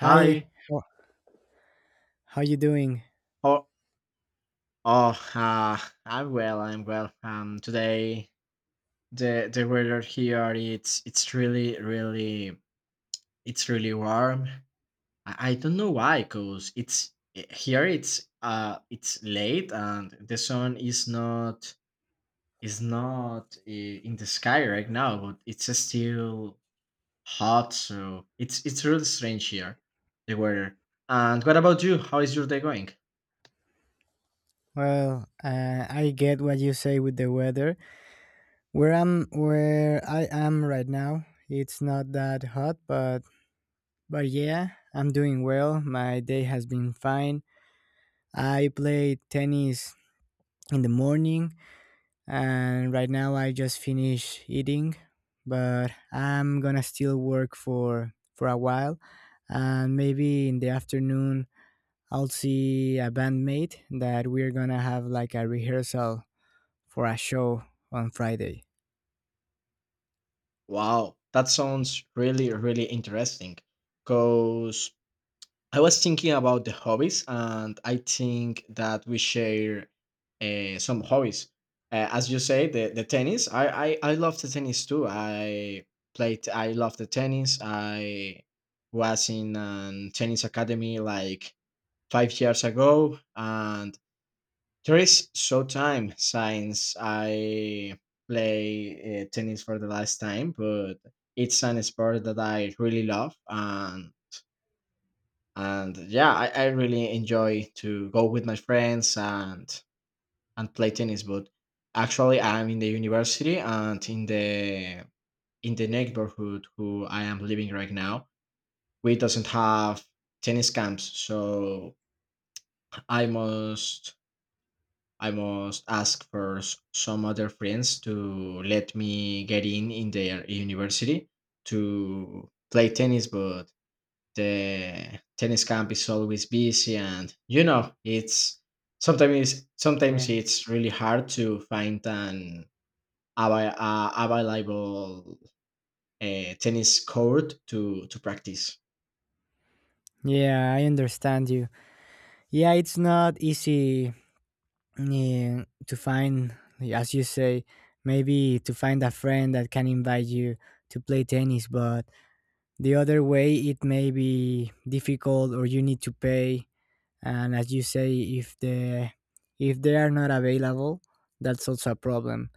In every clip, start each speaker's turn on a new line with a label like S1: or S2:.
S1: Hi,
S2: Hi.
S1: how, how you doing?
S2: Oh, oh, uh, I'm well. I'm well. Today the weather here it's really really it's really warm. I don't know why, cause here it's late and the sun is not in the sky right now, but it's still hot. So it's really strange here, the weather. And what about you? How is your day going?
S1: I get what you say with the weather. Where I am right now, it's not that hot, but yeah, I'm doing well. My day has been fine. I played tennis in the morning, and right now I just finished eating, but I'm gonna still work for a while, and maybe in the afternoon I'll see a bandmate that we're gonna have like a rehearsal for a show on Friday.
S2: Wow, that sounds really, really interesting. Because I was thinking about the hobbies, and I think that we share some hobbies. As you say, the tennis. I love the tennis too. I played. I love the tennis. I was in a tennis academy like 5 years ago, and there is so time since I play tennis for the last time, but it's an sport that I really love, and yeah, I really enjoy to go with my friends and play tennis. But actually, I'm in the university and in the neighborhood who I am living right now, we doesn't have tennis camps, so I must I must ask for some other friends to let me get in their university to play tennis, but the tennis camp is always busy, and you know it's sometimes it's, sometimes
S1: Yeah.
S2: it's really hard to find an available tennis court to practice.
S1: Yeah, I understand you. Yeah, it's not easy yeah, to find, as you say, maybe to find a friend that can invite you to play tennis, but the other way, it may be difficult or you need to pay. And as you say, if the if they are not available, that's also a problem.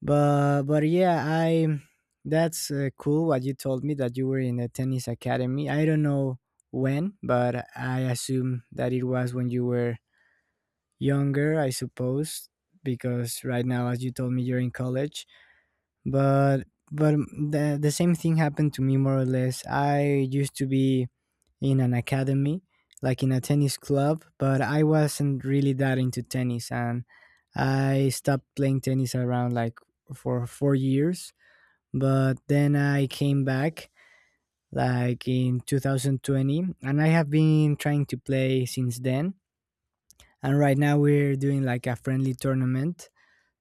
S1: But yeah, I That's cool what you told me, that you were in a tennis academy. I don't know when, but I assume that it was when you were younger, I suppose, because right now, as you told me, you're in college. But the same thing happened to me, more or less. I used to be in an academy, like in a tennis club, but I wasn't really that into tennis and I stopped playing tennis around, like, for four years. But then I came back like in 2020, and I have been trying to play since then, and right now we're doing like a friendly tournament.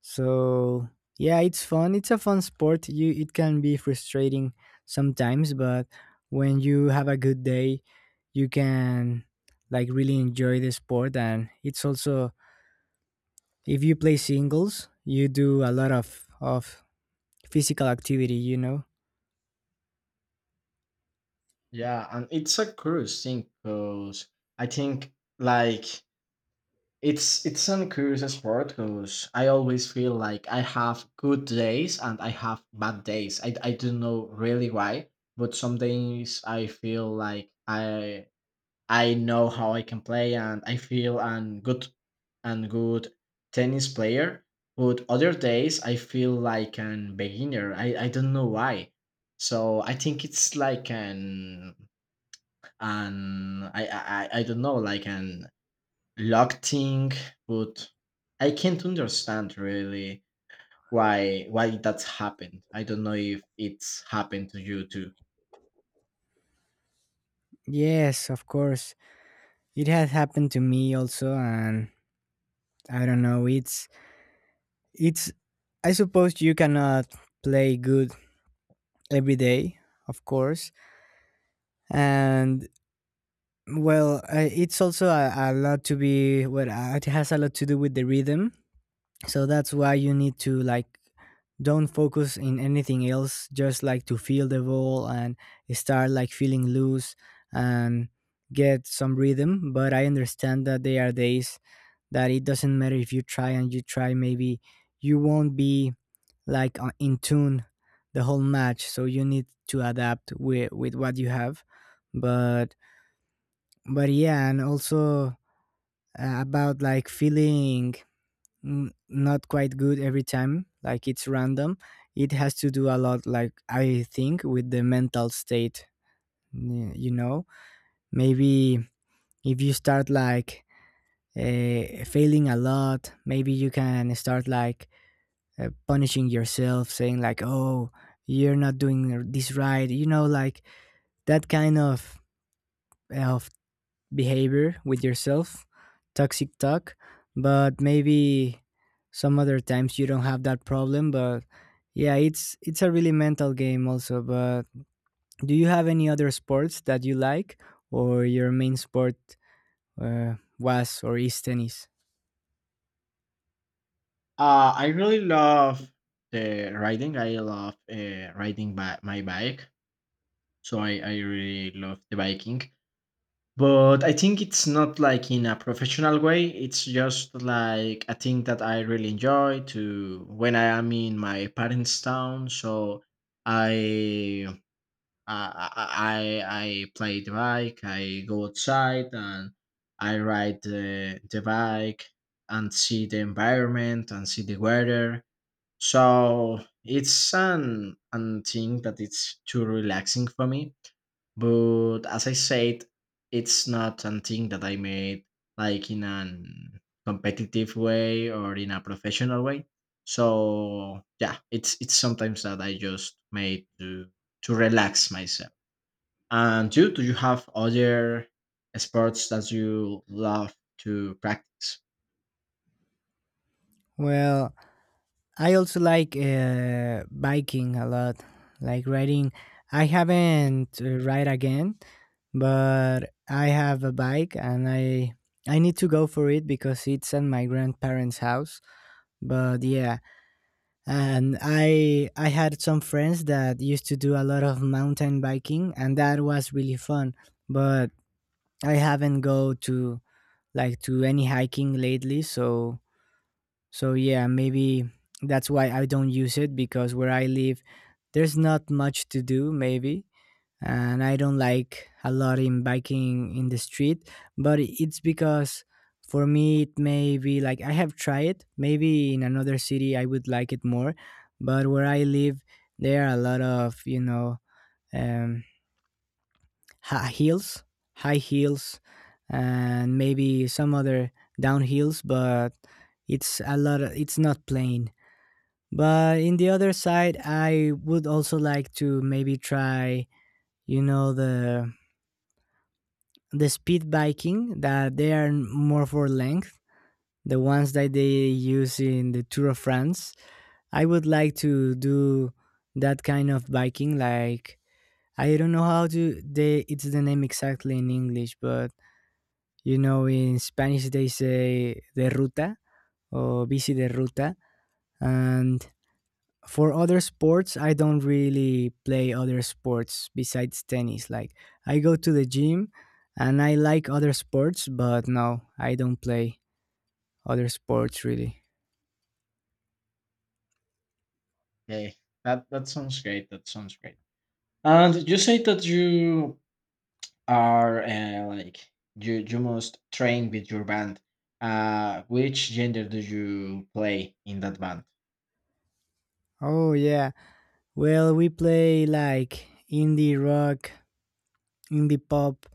S1: So yeah, it's fun. It's a fun sport. You it can be frustrating sometimes, but when you have a good day, you can like really enjoy the sport, and it's also, if you play singles, you do a lot of physical activity, you know.
S2: Yeah, and it's a curious thing because I think like it's an curious sport because I always feel like I have good days and I have bad days. I don't know really why, but some days I feel like I know how I can play and I feel an good tennis player. But other days I feel like an beginner. I don't know why. So I think it's like an, I don't know like an locked in, but I can't understand really why that's happened. I don't know if it's happened to you too.
S1: Yes, of course. It has happened to me also, and I don't know, it's I suppose you cannot play good every day, of course. And it's also a lot to be well it has a lot to do with the rhythm, so that's why you need to like don't focus in anything else, just like to feel the ball and start like feeling loose and get some rhythm. But I understand that there are days that it doesn't matter if you try and you try, maybe you won't be like in tune the whole match, so you need to adapt with what you have. But yeah, and also about like feeling not quite good every time, like it's random. It has to do a lot, like I think, with the mental state. You know, maybe if you start like failing a lot, maybe you can start like punishing yourself, saying like, "Oh, you're not doing this right," you know, like that kind of behavior with yourself, toxic talk. But maybe some other times you don't have that problem. But yeah, it's a really mental game also. But do you have any other sports that you like, or your main sport was or is tennis?
S2: I really love the riding. I love riding by my bike, so I really love the biking. But I think it's not like in a professional way. It's just like a thing that I really enjoy to when I am in my parents' town. So I I play the bike. I go outside and I ride the bike and see the environment and see the weather. So it's an thing that it's too relaxing for me. But as I said, it's not something that I made like in an competitive way or in a professional way. So yeah, it's sometimes that I just made to relax myself. And you, do you have other sports that you love to practice?
S1: Well, I also like biking a lot, like riding. I haven't ride again, but I have a bike, and I need to go for it because it's at my grandparents' house. But yeah, and I had some friends that used to do a lot of mountain biking, and that was really fun. But I haven't go to like to any hiking lately, so so yeah, maybe that's why I don't use it, because where I live, there's not much to do maybe, and I don't like a lot in biking in the street. But it's because for me it may be like I have tried it. Maybe in another city I would like it more, but where I live, there are a lot of, you know, um, high heels, high heels, and maybe some other downhills, but it's a lot. Of, it's not plain. But in the other side, I would also like to maybe try, you know, the speed biking that they are more for length, the ones that they use in the Tour of France. I would like to do that kind of biking. Like I don't know how to they it's the name exactly in English, but you know, in Spanish they say de ruta or bici de ruta, and for other sports, I don't really play other sports besides tennis. Like I go to the gym and I like other sports, but no, I don't play other sports really.
S2: Okay, that that sounds great. That sounds great. And you say that you are you you must train with your band. Which gender do you play in that band?
S1: Oh yeah. Well, we play like indie rock, indie pop.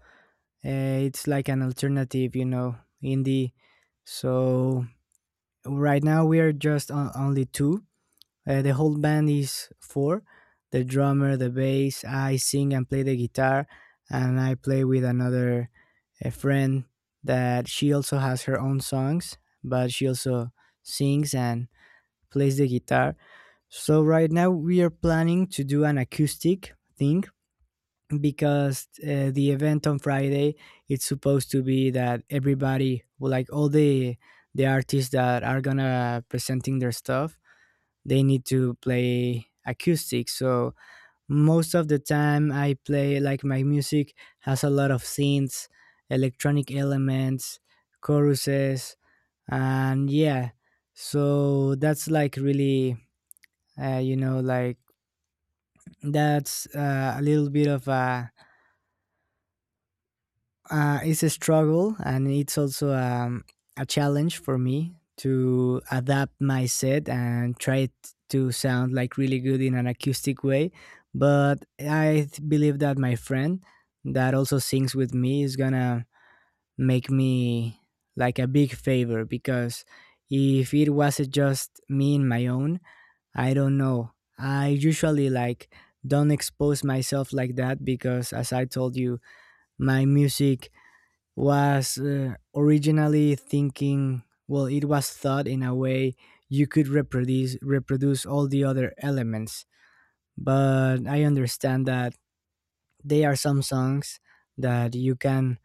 S1: It's like an alternative, you know, indie. So right now we are just only two. The whole band is four, the drummer, the bass, I sing and play the guitar, and I play with another a friend that she also has her own songs, but she also sings and plays the guitar. So right now we are planning to do an acoustic thing because the event on Friday it's supposed to be that everybody, like all the artists that are gonna presenting their stuff, they need to play acoustic. So most of the time I play like my music has a lot of synths, electronic elements, choruses, and yeah, so that's like really you know, like that's a little bit of a it's a struggle, and it's also a challenge for me to adapt my set and try to sound like really good in an acoustic way. But I believe that my friend that also sings with me is gonna make me like a big favor, because if it was just me in my own, I don't know. I usually like don't expose myself like that, because as I told you, my music was originally thinking, well, it was thought in a way you could reproduce all the other elements. But I understand that they are some songs that you can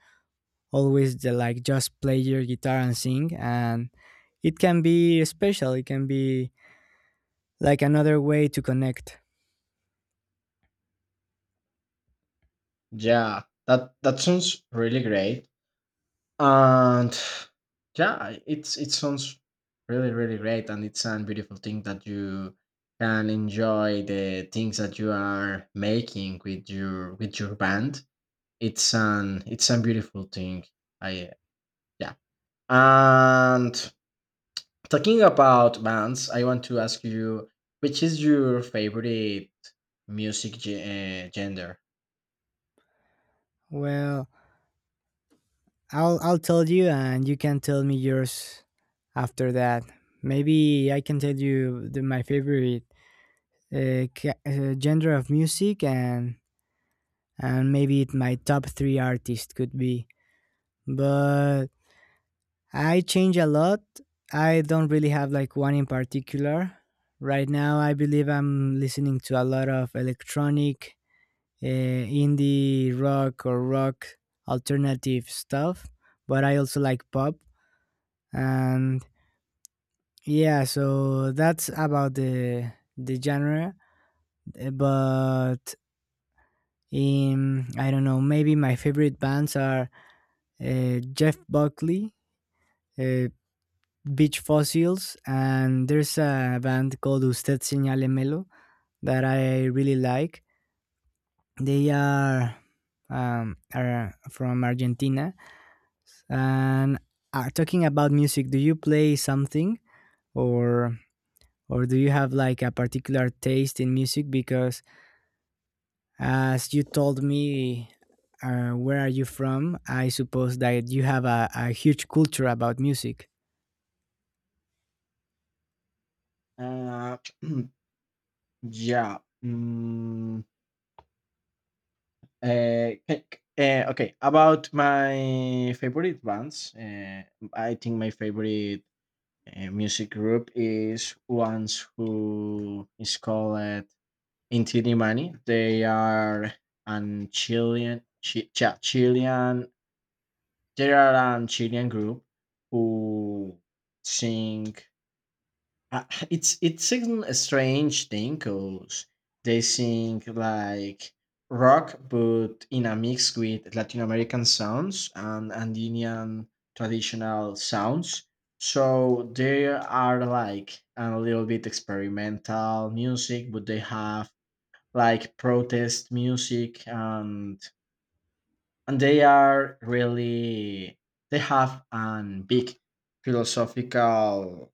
S1: always like just play your guitar and sing, and it can be special, it can be like another way to connect.
S2: Yeah, that that sounds really great. And yeah, it sounds really really great, and it's a beautiful thing that you can enjoy the things that you are making with your band. It's an it's a beautiful thing. I yeah. And talking about bands, I want to ask you which is your favorite music genre?
S1: Well, I'll tell you, and you can tell me yours after that. Maybe I can tell you my favorite genre of music, and maybe my top three artists could be. But I change a lot. I don't really have like one in particular. Right now I believe I'm listening to a lot of electronic indie rock or rock alternative stuff, but I also like pop. And yeah, so that's about the genre. But I don't know. Maybe my favorite bands are Jeff Buckley, uh, Beach Fossils, and there's a band called Usted Señale Melo that I really like. They are from Argentina. And talking about music, do you play something or or do you have like a particular taste in music? Because as you told me, where are you from? I suppose that you have a huge culture about music.
S2: Uh, yeah. mm, c- c- Okay. About my favorite bands, I think my favorite music group is ones who is called Inti Mani. They are an Chilean. There are an Chilean group who sing. Uh, it's it's a strange thing because they sing like rock, but in a mix with Latin American sounds and Andean traditional sounds. So they are like a little bit experimental music, but they have like protest music and they are really they have an big philosophical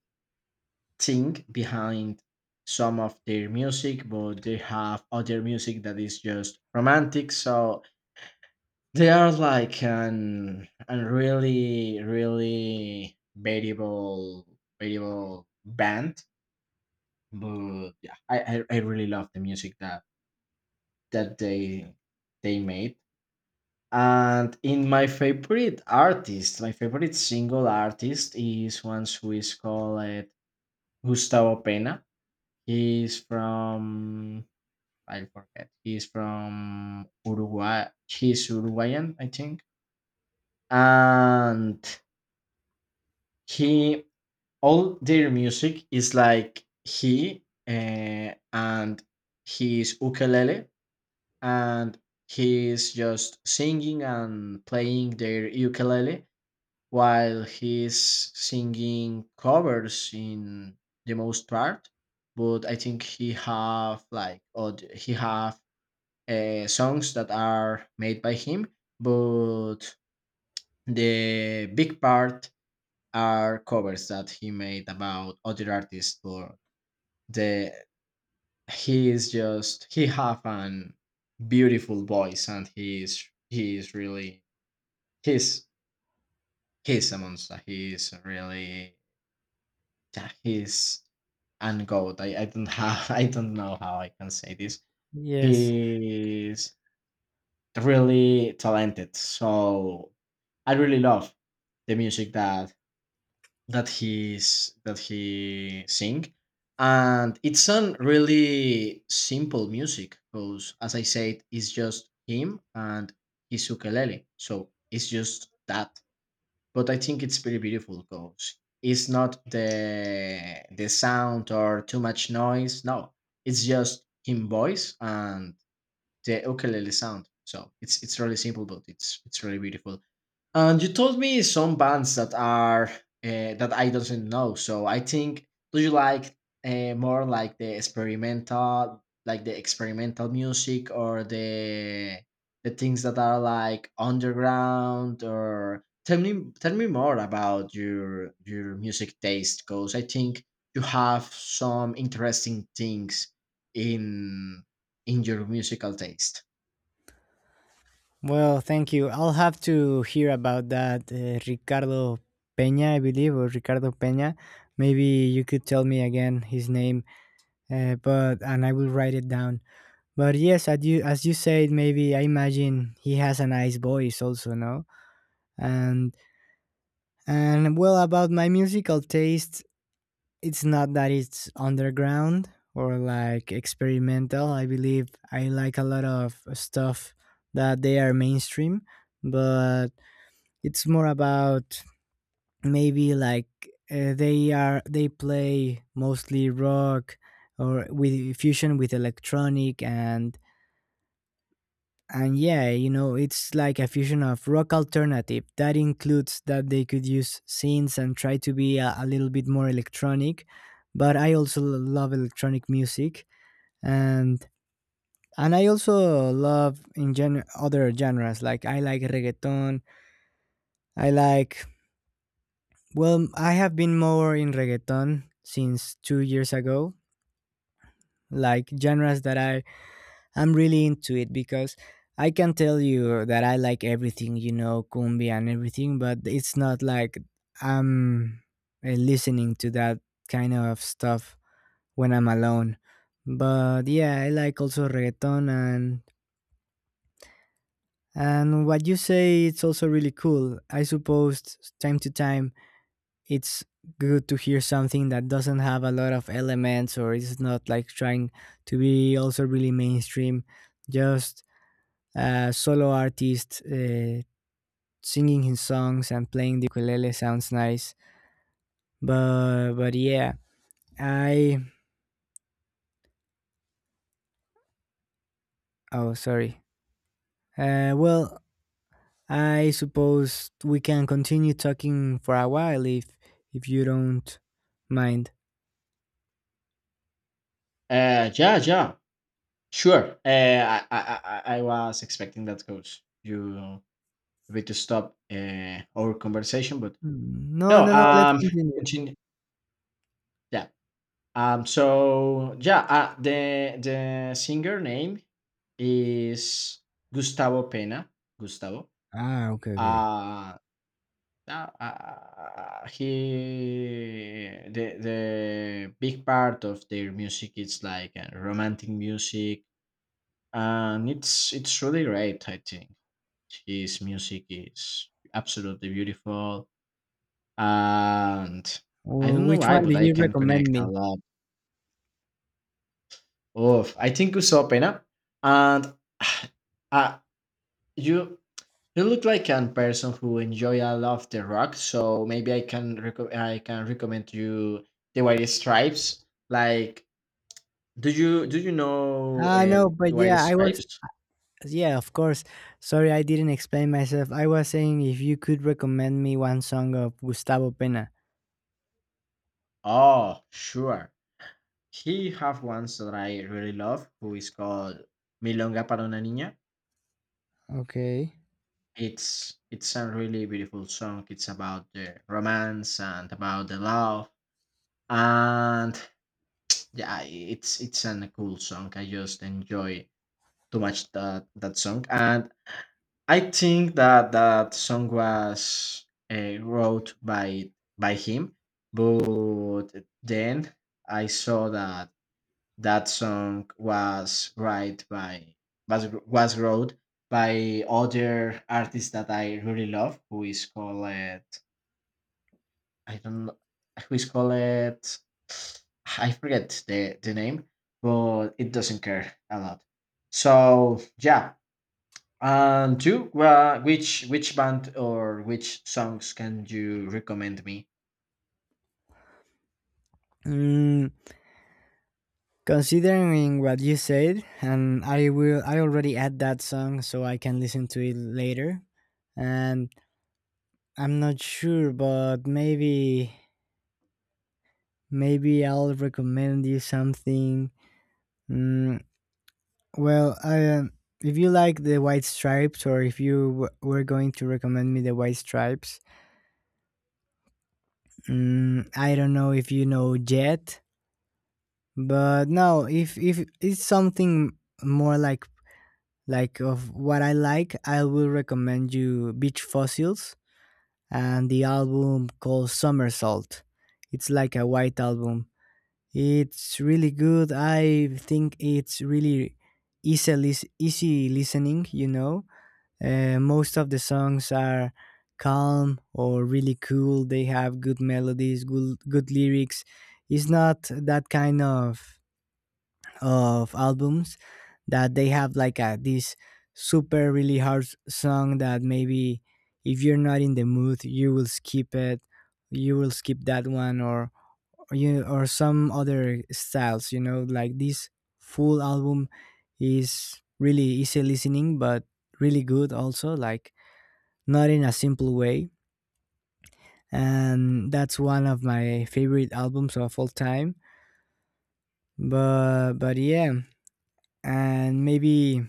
S2: thing behind some of their music, but they have other music that is just romantic. So they are like an really really variable band. But yeah, I really love the music that that they made. And in my favorite artist, my favorite single artist is one who is called Gustavo Pena. He's from I forget. He's from Uruguay. He's Uruguayan, I think. And he all their music is like he and his ukulele and he's just singing and playing their ukulele while he's singing covers in the most part, but I think he have like he have songs that are made by him, but the big part are covers that he made about other artists. But the he is just he have an beautiful voice and he is really he's he's a monster. He is really that he's and goat. I don't have I don't know how I can say this.
S1: Yes.
S2: He's really talented. So I really love the music that that he's that he sing. And it's on really simple music because as I said, it's just him and his ukulele. So it's just that, but I think it's pretty beautiful because it's not the sound or too much noise. No, it's just him voice and the ukulele sound. So it's really simple, but it's really beautiful. And you told me some bands that are that I doesn't know. So I think do you like more like the experimental music, or the things that are like underground? Or tell me more about your music taste, because I think you have some interesting things in in your musical taste.
S1: Well, thank you. I'll have to hear about that. Ricardo Peña, I believe, or Ricardo Peña. Maybe you could tell me again his name, but and I will write it down. But yes, as you said, maybe I imagine he has a nice voice also, no? And and well, about my musical taste, it's not that it's underground or like experimental. I believe I like a lot of stuff that they are mainstream, but it's more about maybe like they are they play mostly rock or with fusion with electronic. And yeah, you know, it's like a fusion of rock alternative. That includes that they could use synths and try to be a little bit more electronic. But I also love electronic music, and and I also love in other genres. Like I like reggaeton. I like well, I have been more in reggaeton since two years ago. Like genres that I I'm really into it, because I can tell you that I like everything, you know, cumbia and everything, but it's not like I'm listening to that kind of stuff when I'm alone. But yeah, I like also reggaeton, and what you say it's also really cool. I suppose time to time it's good to hear something that doesn't have a lot of elements, or it's not like trying to be also really mainstream. Just a solo artist singing his songs and playing the ukulele sounds nice. But yeah, I oh sorry, well, I suppose we can continue talking for a while if you don't mind.
S2: Yeah, yeah. Sure. I was expecting that because you need to stop our conversation, but
S1: Mm, no
S2: no.
S1: no no, let's continue.
S2: Continue. Yeah. So yeah. The singer name is Gustavo Pena. Gustavo.
S1: Ah, okay, okay.
S2: Uh, he the big part of their music is like romantic music, and it's really great, I think. His music is absolutely beautiful, and I
S1: Well,
S2: don't know
S1: which
S2: why,
S1: one do
S2: but I
S1: you
S2: can
S1: recommend
S2: connect a
S1: me?
S2: lot. Oh, I think you saw Pena, and uh, you you look like a person who enjoy a lot of the rock. So maybe I can I can recommend you the White Stripes. Like, do you know
S1: Ah no but
S2: the
S1: yeah,
S2: White
S1: I was
S2: Stripes?
S1: Yeah, of course. Sorry, I didn't explain myself. I was saying if you could recommend me one song of Gustavo Pena.
S2: Oh, sure. He have ones that I really love, who is called "Milonga para una niña."
S1: Okay.
S2: It's a really beautiful song. It's about the romance and about the love, and yeah, it's a cool song. I just enjoy too much that that song, and I think that that song was wrote by him. But then I saw that that song was wrote by other artist that I really love, who is called don't know, who is called I forget the name, but it doesn't care a lot. So yeah, and you, which band or which songs can you recommend me?
S1: Mm, considering what you said, and I already add that song so I can listen to it later. And I'm not sure, but maybe I'll recommend you something. Mm, well, if you like the White Stripes, or if you were going to recommend me the White Stripes. I don't know if you know Jet, but no, if it's something more like of what I like, I will recommend you Beach Fossils and the album called Somersault. It's like a white album. It's really good. I think it's really easy listening, you know. Most of the songs are calm or really cool. They have good melodies, good lyrics. It's not that kind of albums that they have like a this super really song that maybe if you're not in the mood you will skip it, you will skip that one, or you, or some other styles, you know, like this full album is really easy listening but really good also, like not in a Simple Way. And that's one of my favorite albums of all time. But yeah, and maybe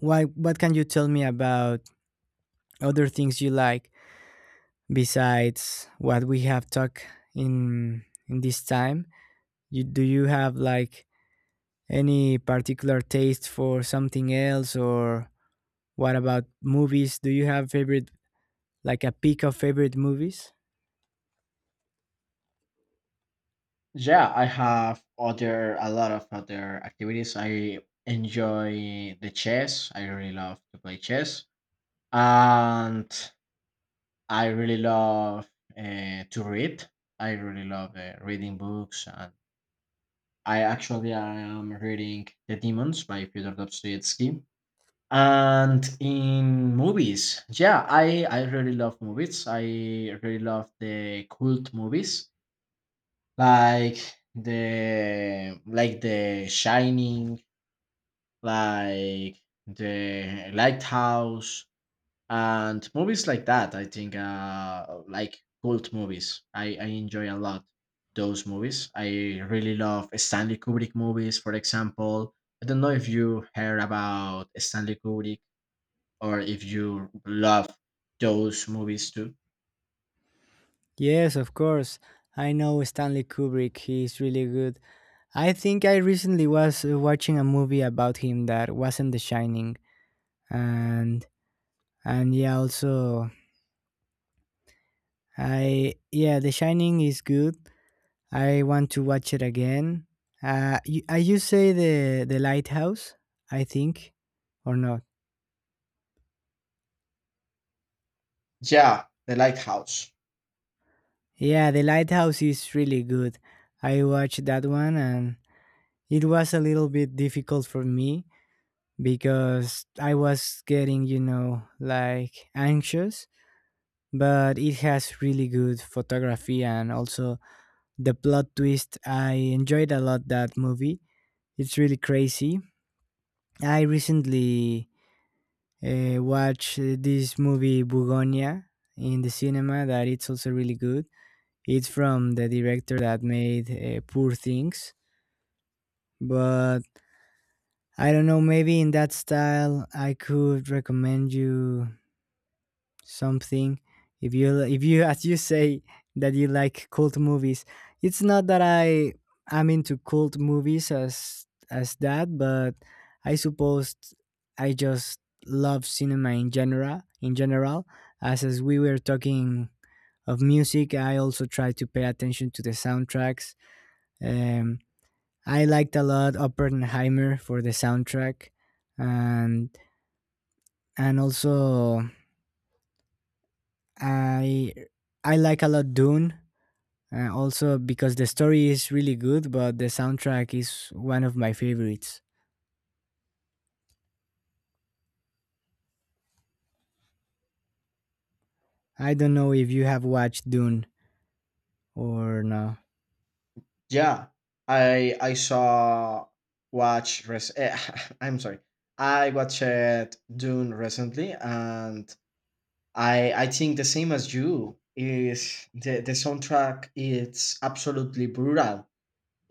S1: what can you tell me about other things you like besides what we have talked in this time? You, do you have like any particular taste for something else, or what about movies? Do you have favorite, like a pick of favorite movies?
S2: Yeah, I have other a lot of other activities. I enjoy the chess. I really love to play chess, and I really love to read. I really love reading books, and I am reading The Demons by Fyodor Dostoevsky. And in movies, yeah, I really love movies. I really love the cult movies. Like the Shining, like the Lighthouse, and movies like that. I think cult movies. I enjoy a lot those movies. I really love Stanley Kubrick movies, for example. I don't know if you heard about Stanley Kubrick or if you love those movies too.
S1: Yes, of course. I know Stanley Kubrick. He's really good. I think I recently was watching a movie about him that wasn't The Shining, and and yeah, also I, yeah, The Shining is good, I want to watch it again. You say the lighthouse, I think, or not?
S2: Yeah, The Lighthouse.
S1: Yeah, the lighthouse is really good. I watched that one, and it was a little bit difficult for me because I was getting, you know, like anxious. But it has really good photography, and also the plot twist. I enjoyed a lot that movie. It's really crazy. I recently watch this movie Bugonia in the cinema that it's also really good. It's from the director that made Poor Things, but I don't know, maybe in that style I could recommend you something if you as you say that you like cult movies. It's not that I am into cult movies as that, but I suppose I just love cinema in general, as we were talking of music. I also try to pay attention to the soundtracks. um I liked a lot Oppenheimer for the soundtrack, and and also i I like a lot Dune. Also, because the story is really good, but the soundtrack is one of my favorites. I don't know if you have watched Dune or no.
S2: Yeah, I saw watch res- eh, I'm sorry. I watched Dune recently, and I think the same as you is the soundtrack. It's absolutely brutal.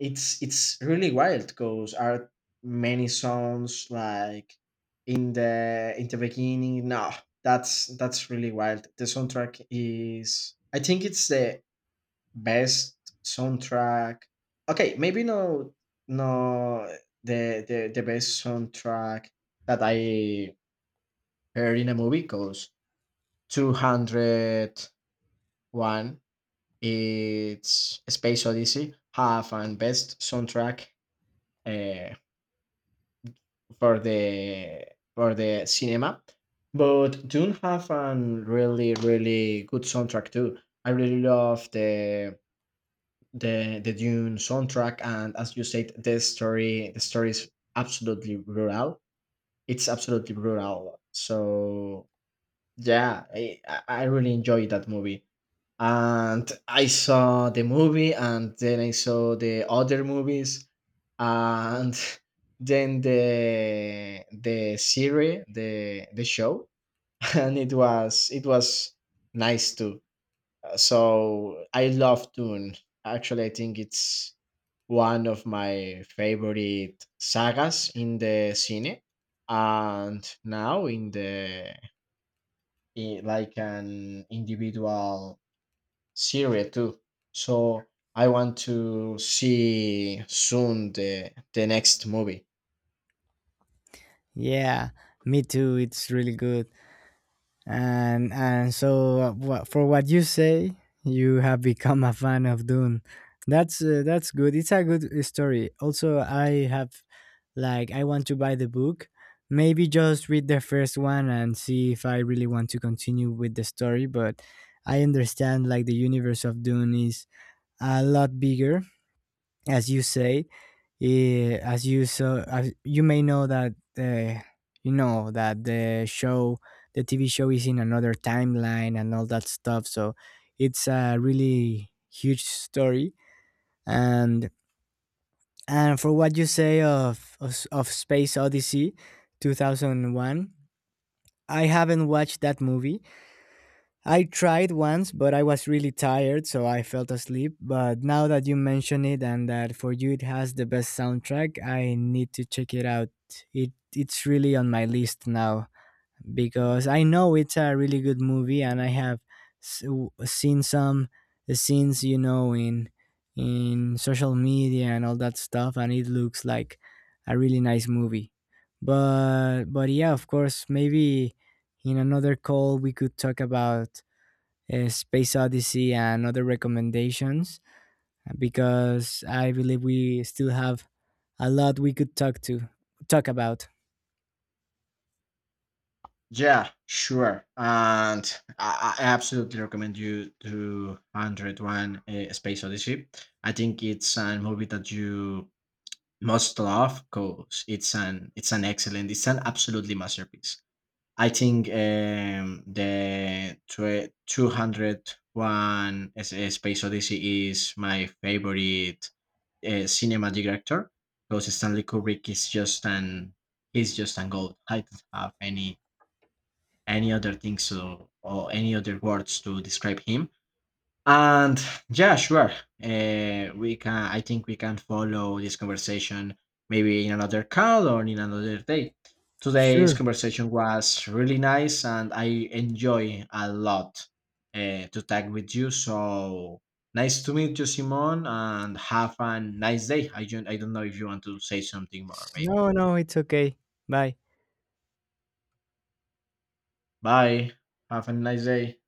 S2: It's really wild because are many songs like in the beginning. No, that's really wild. The soundtrack is. I think it's the best soundtrack. Okay, maybe no, no, the best soundtrack that I heard in a movie because two hundred one. It's Space Odyssey have and best soundtrack uh, for the for the cinema, but Dune have an really really good soundtrack too. I really love the Dune soundtrack, and as you said, the story is absolutely brutal. It's absolutely brutal. So yeah, I really enjoyed that movie. And I saw the movie, and then I saw the other movies, and then the series, the show, and it was nice too. So I love Dune. Actually, I think it's one of my favorite sagas in the cine, and now in the like an individual series too. So I want to see soon the next movie.
S1: Yeah, me too. It's really good. And so for what you say, you have become a fan of Dune. That's good. It's a good story. Also, I have like, I want to buy the book, maybe just read the first one and see if I really want to continue with the story. But I understand like the universe of Dune is a lot bigger, as you say. As you may know that you know that the show, the TV show, is in another timeline and all that stuff. So it's a really huge story, and and for what you say of Space Odyssey 2001, I haven't watched that movie. I tried once, but I was really tired, so I fell asleep. But now that you mention it, and that for you it has the best soundtrack, I need to check it out. It's really on my list now because I know it's a really good movie, and I have seen some scenes, you know, in social media and all that stuff, and it looks like a really nice movie. But yeah, of course, maybe in another call we could talk about Space Odyssey and other recommendations, because I believe we still have a lot we could talk about.
S2: Yeah, sure, and I absolutely recommend you to 101 Space Odyssey. I think it's a movie that you must love, cause it's an excellent, it's an absolutely masterpiece. I think 201 Space Odyssey is my favorite cinema director, because Stanley Kubrick is just an he's just an gold. I don't have any other things to, or any other words to describe him. And yeah, sure. We can. I think we can follow this conversation maybe in another call or in another day. Today's
S1: Sure.
S2: conversation was really nice, and I enjoy a lot to talk with you. So nice to meet you, Simon, and have a nice day. I don't. I don't know if you want to say something more. Maybe.
S1: No, no, it's okay. Bye.
S2: Bye. Have a nice day.